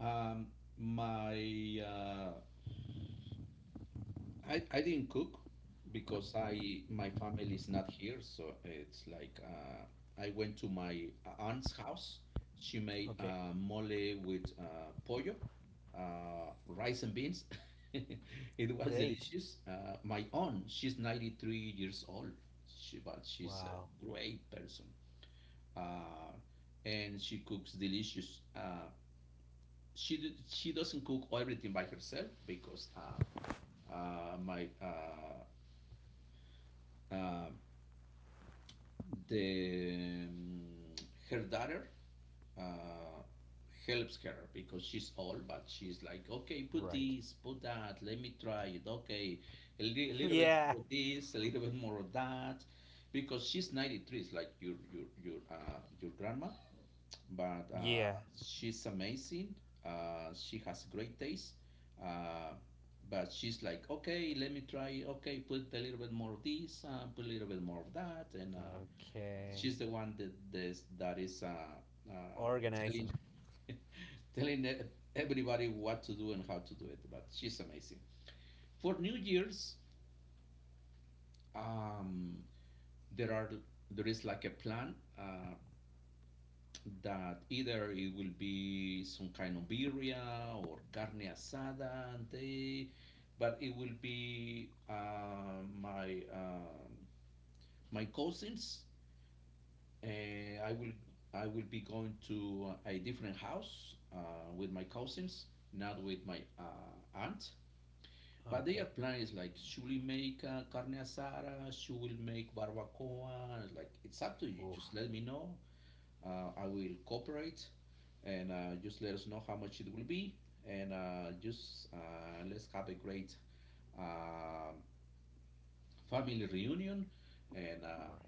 Um, my uh, I didn't cook because I my family is not here, so it's like I went to my aunt's house. She made
Okay.
mole with pollo, rice and beans. It was
Great.
delicious. My aunt, she's 93 years old, but she's a
Wow.
great person. Uh, and she cooks delicious. She doesn't cook everything by herself, because my uh, the her daughter uh, helps her because she's old, but she's like, okay, put
Right.
this, put that, let me try it. Okay, a little bit
yeah.
more of this, a little bit more of that, because she's 93, it's like your grandma, but
Yeah.
she's amazing. She has great taste. Uh, but she's like, okay, let me try. Okay, put a little bit more of this, put a little bit more of that, and
Okay.
she's the one that is uh, telling
Organizing.
telling everybody what to do and how to do it. But she's amazing. For New Year's, um, there are there is like a plan. That either it will be some kind of birria or carne asada, and they but it will be my cousins, and I will be going to a different house with my cousins, not with my aunt. But their
Okay.
plan is like, she will make carne asada, she will make barbacoa. It's like, it's up to you,
Oof.
just let me know. I will cooperate, and just let us know how much it will be, and just let's have a great uh, family reunion, and
Right.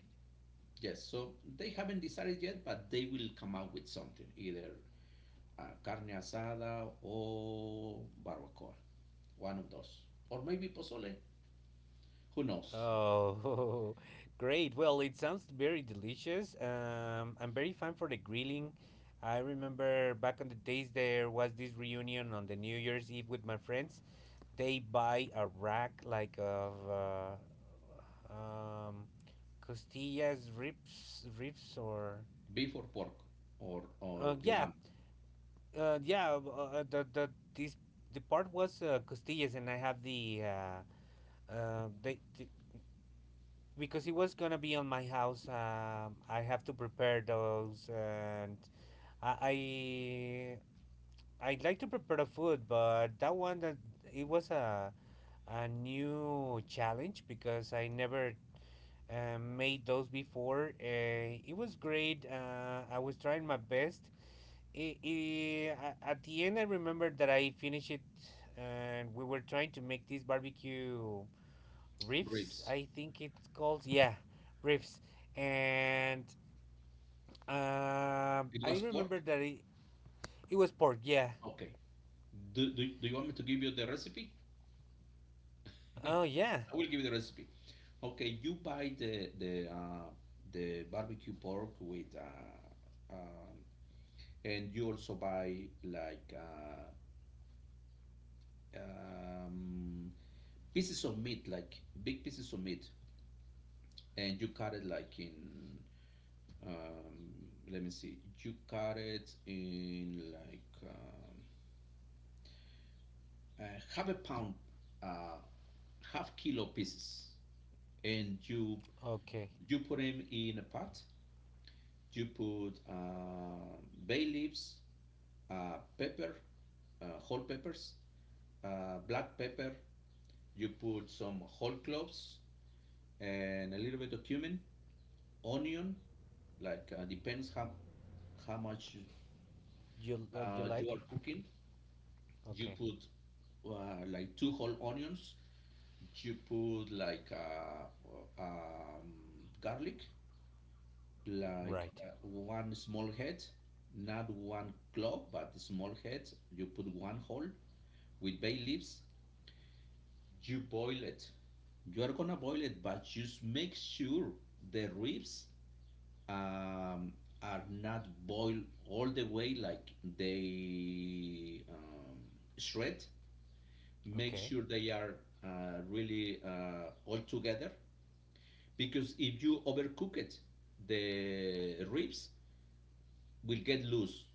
yes, so they haven't decided yet, but they will come up with something, either carne asada or barbacoa, one of those, or maybe pozole. Who knows?
Oh, great. Well, it sounds very delicious. I'm very fun for the grilling. I remember back on the days there was this reunion on the New Year's Eve with my friends. They buy a rack like of costillas, ribs, or
Beef or pork, or
yeah,
lamb.
yeah. Uh, the the this the part was costillas, and I have the they the, because it was gonna be on my house. I have to prepare those, and I I I like to prepare the food, but that one that it was a new challenge, because I never made those before. It was great. I was trying my best. At the end, I remember that I finished it, and we were trying to make these barbecue riffs,
Ribs.
I think it's called, yeah, riffs. And
It
I
was pork.
remember that it was pork. Yeah.
Okay, do you want me to give you the recipe?
Oh yeah.
I will give you the recipe. Okay, you buy the barbecue pork with, and you also buy like um, pieces of meat, like big pieces of meat, and you cut it like in. Let me see. You cut it in like half a pound, uh, half kilo pieces, and you
Okay.
you put them in a pot. You put bay leaves, pepper, whole peppers, black pepper. You put some whole cloves and a little bit of cumin, onion. Like depends how much
You
you
like
are
it?
cooking. You
Okay.
put like two whole onions. You put like um, garlic, like
Right.
one small head, not one clove, but small head. You put one hole with bay leaves. You boil it. You are gonna boil it, but just make sure the ribs um, are not boiled all the way, like they shred. Make
Okay.
sure they are really all together, because if you overcook it, the ribs will get loose.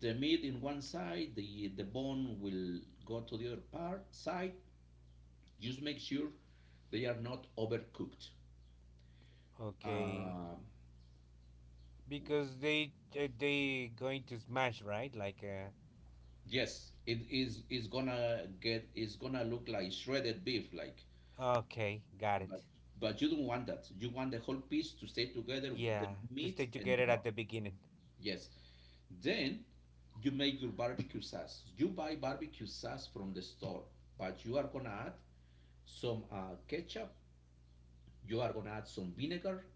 The meat in one side, the bone will go to the other part side. Just make sure they are not overcooked.
Okay.
Uh,
Because they going to smash, right? Like,
yes, it is gonna look like shredded beef, like,
okay, got
but
it.
but you don't want that. You want the whole piece to stay together, with the
Yeah, to
meat
stay
and the
together at
bone.
the beginning.
Yes. Then you make your barbecue sauce. You buy barbecue sauce from the store, but you are gonna add some ketchup, you are gonna add some vinegar,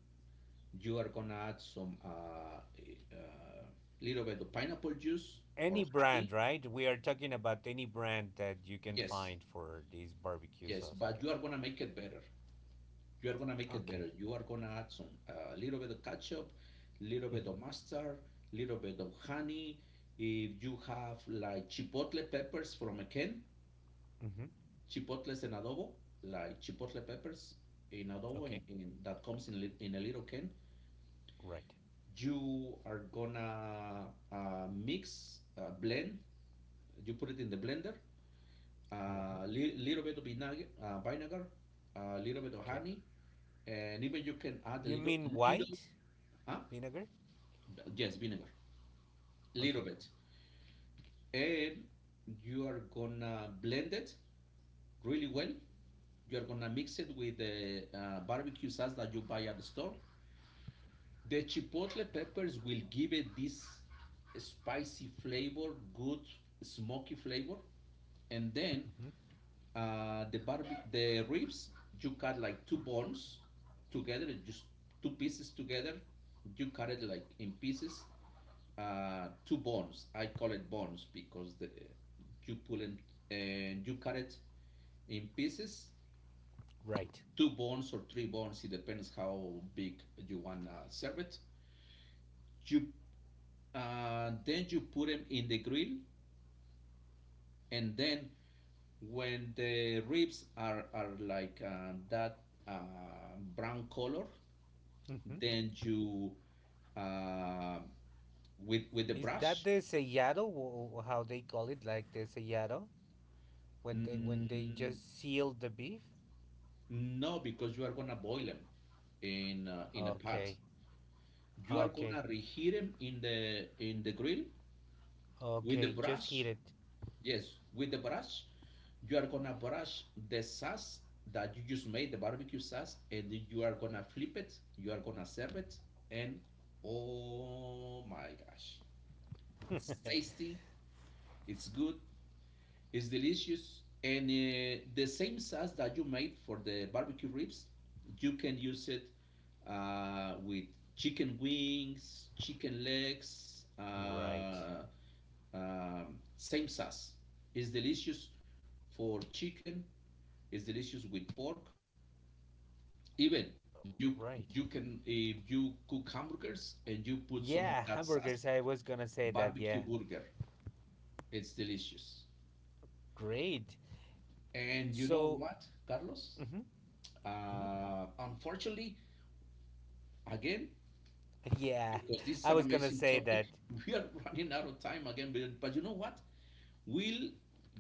you are gonna add some little bit of pineapple juice or
Any brand,
honey.
right? We are talking about any brand that you can
Yes,
find for this barbecue
yes,
sauce.
but
Okay.
you are gonna make it better, you are gonna make it
Okay.
better, you are gonna add some a little bit of ketchup, little bit
Mm-hmm.
of mustard, little bit of honey. If you have like chipotle peppers from a can,
Mm-hmm.
chipotles in adobo, like chipotle peppers in adobo,
Okay.
that comes in a little can,
Right.
you are gonna blend. You put it in the blender. A
Mm-hmm.
little bit of vinegar, a little bit of
Okay.
honey, and even you can add a
You
little,
mean
little,
white
huh?
vinegar?
Yes, vinegar, little
Okay.
bit, and you are gonna blend it really
Mm-hmm.
well. You are gonna mix it with the barbecue sauce that you buy at the store. The chipotle peppers will give it this spicy flavor, good smoky flavor, and then
Mm-hmm.
the ribs, you cut like two bones together, just two pieces together. You cut it like in pieces, two bones. I call it bones because the you pull them and you cut it in pieces,
Right.
two bones or three bones. It depends how big you want to serve it. You Then you put them in the grill, and then when the ribs are, like that brown color,
Mm-hmm.
then you, uh, with the
Is that
brush.
the sellado? How they call it? Like the sellado, when they
Mm,
just seal the beef?
no, because you are gonna boil them in a pot.
Okay.
You are
Okay.
gonna reheat them in the grill with the
Okay. Just heat
brush.
it.
Yes, with the brush, you are gonna brush the sauce that you just made, the barbecue sauce, and you are gonna flip it, you are gonna serve it, and oh my gosh, it's tasty, it's good, it's delicious. And the same sauce that you made for the barbecue ribs, you can use it with chicken wings, chicken legs,
right.
same sauce. It's delicious for chicken. It's delicious with pork. Even you
Right.
you can, if you cook hamburgers and you put some of
Yeah,
that
hamburgers.
sauce,
I was gonna say that.
barbecue
Yeah.
burger. It's delicious.
Great.
And you know
So.
what, Carlos?
Hmm. Hmm.
Unfortunately, again,
Yeah.
because this is
I
an
was gonna
amazing
say
topic.
that.
We are running out of time again, but you know what? We'll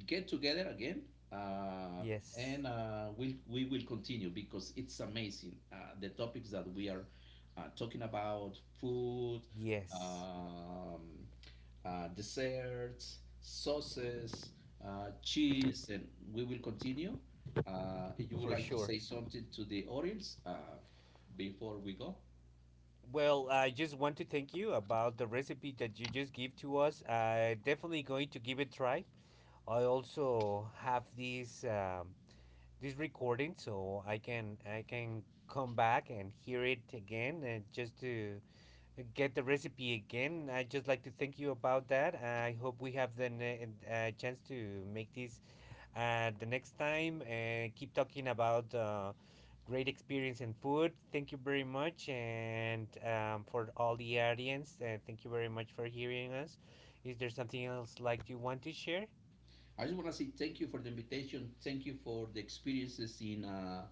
get together again, uh,
Yes.
and we will continue, because it's amazing. The topics that we are talking about, food,
Yes.
um, desserts, sauces, cheese, and we will continue. If you would
For
like to
sure.
say something to the audience, before we go?
Well, I just want to thank you about the recipe that you just give to us. I definitely going to give it a try. I also have this recording, so I can come back and hear it again, and just to get the recipe again. I just like to thank you about that. I hope we have the chance to make this the next time. Keep talking about great experience in food. Thank you very much, and for all the audience, thank you very much for hearing us. Is there something else like you want to share?
I just want to say thank you for the invitation. Thank you for the experiences in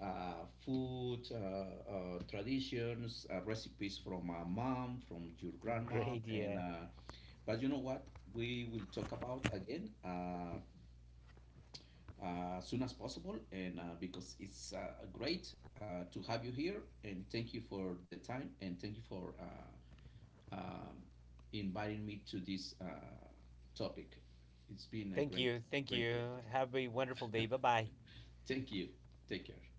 uh, food, traditions, recipes from my mom, from your grandma,
Great,
and
yeah.
but you know what? We will talk about again as soon as possible, and because it's great to have you here, and thank you for the time, and thank you for um, inviting me to this topic. It's been a
Thank
great,
you, thank
great pleasure.
you. Have a wonderful day. Bye bye.
Thank you. Take care.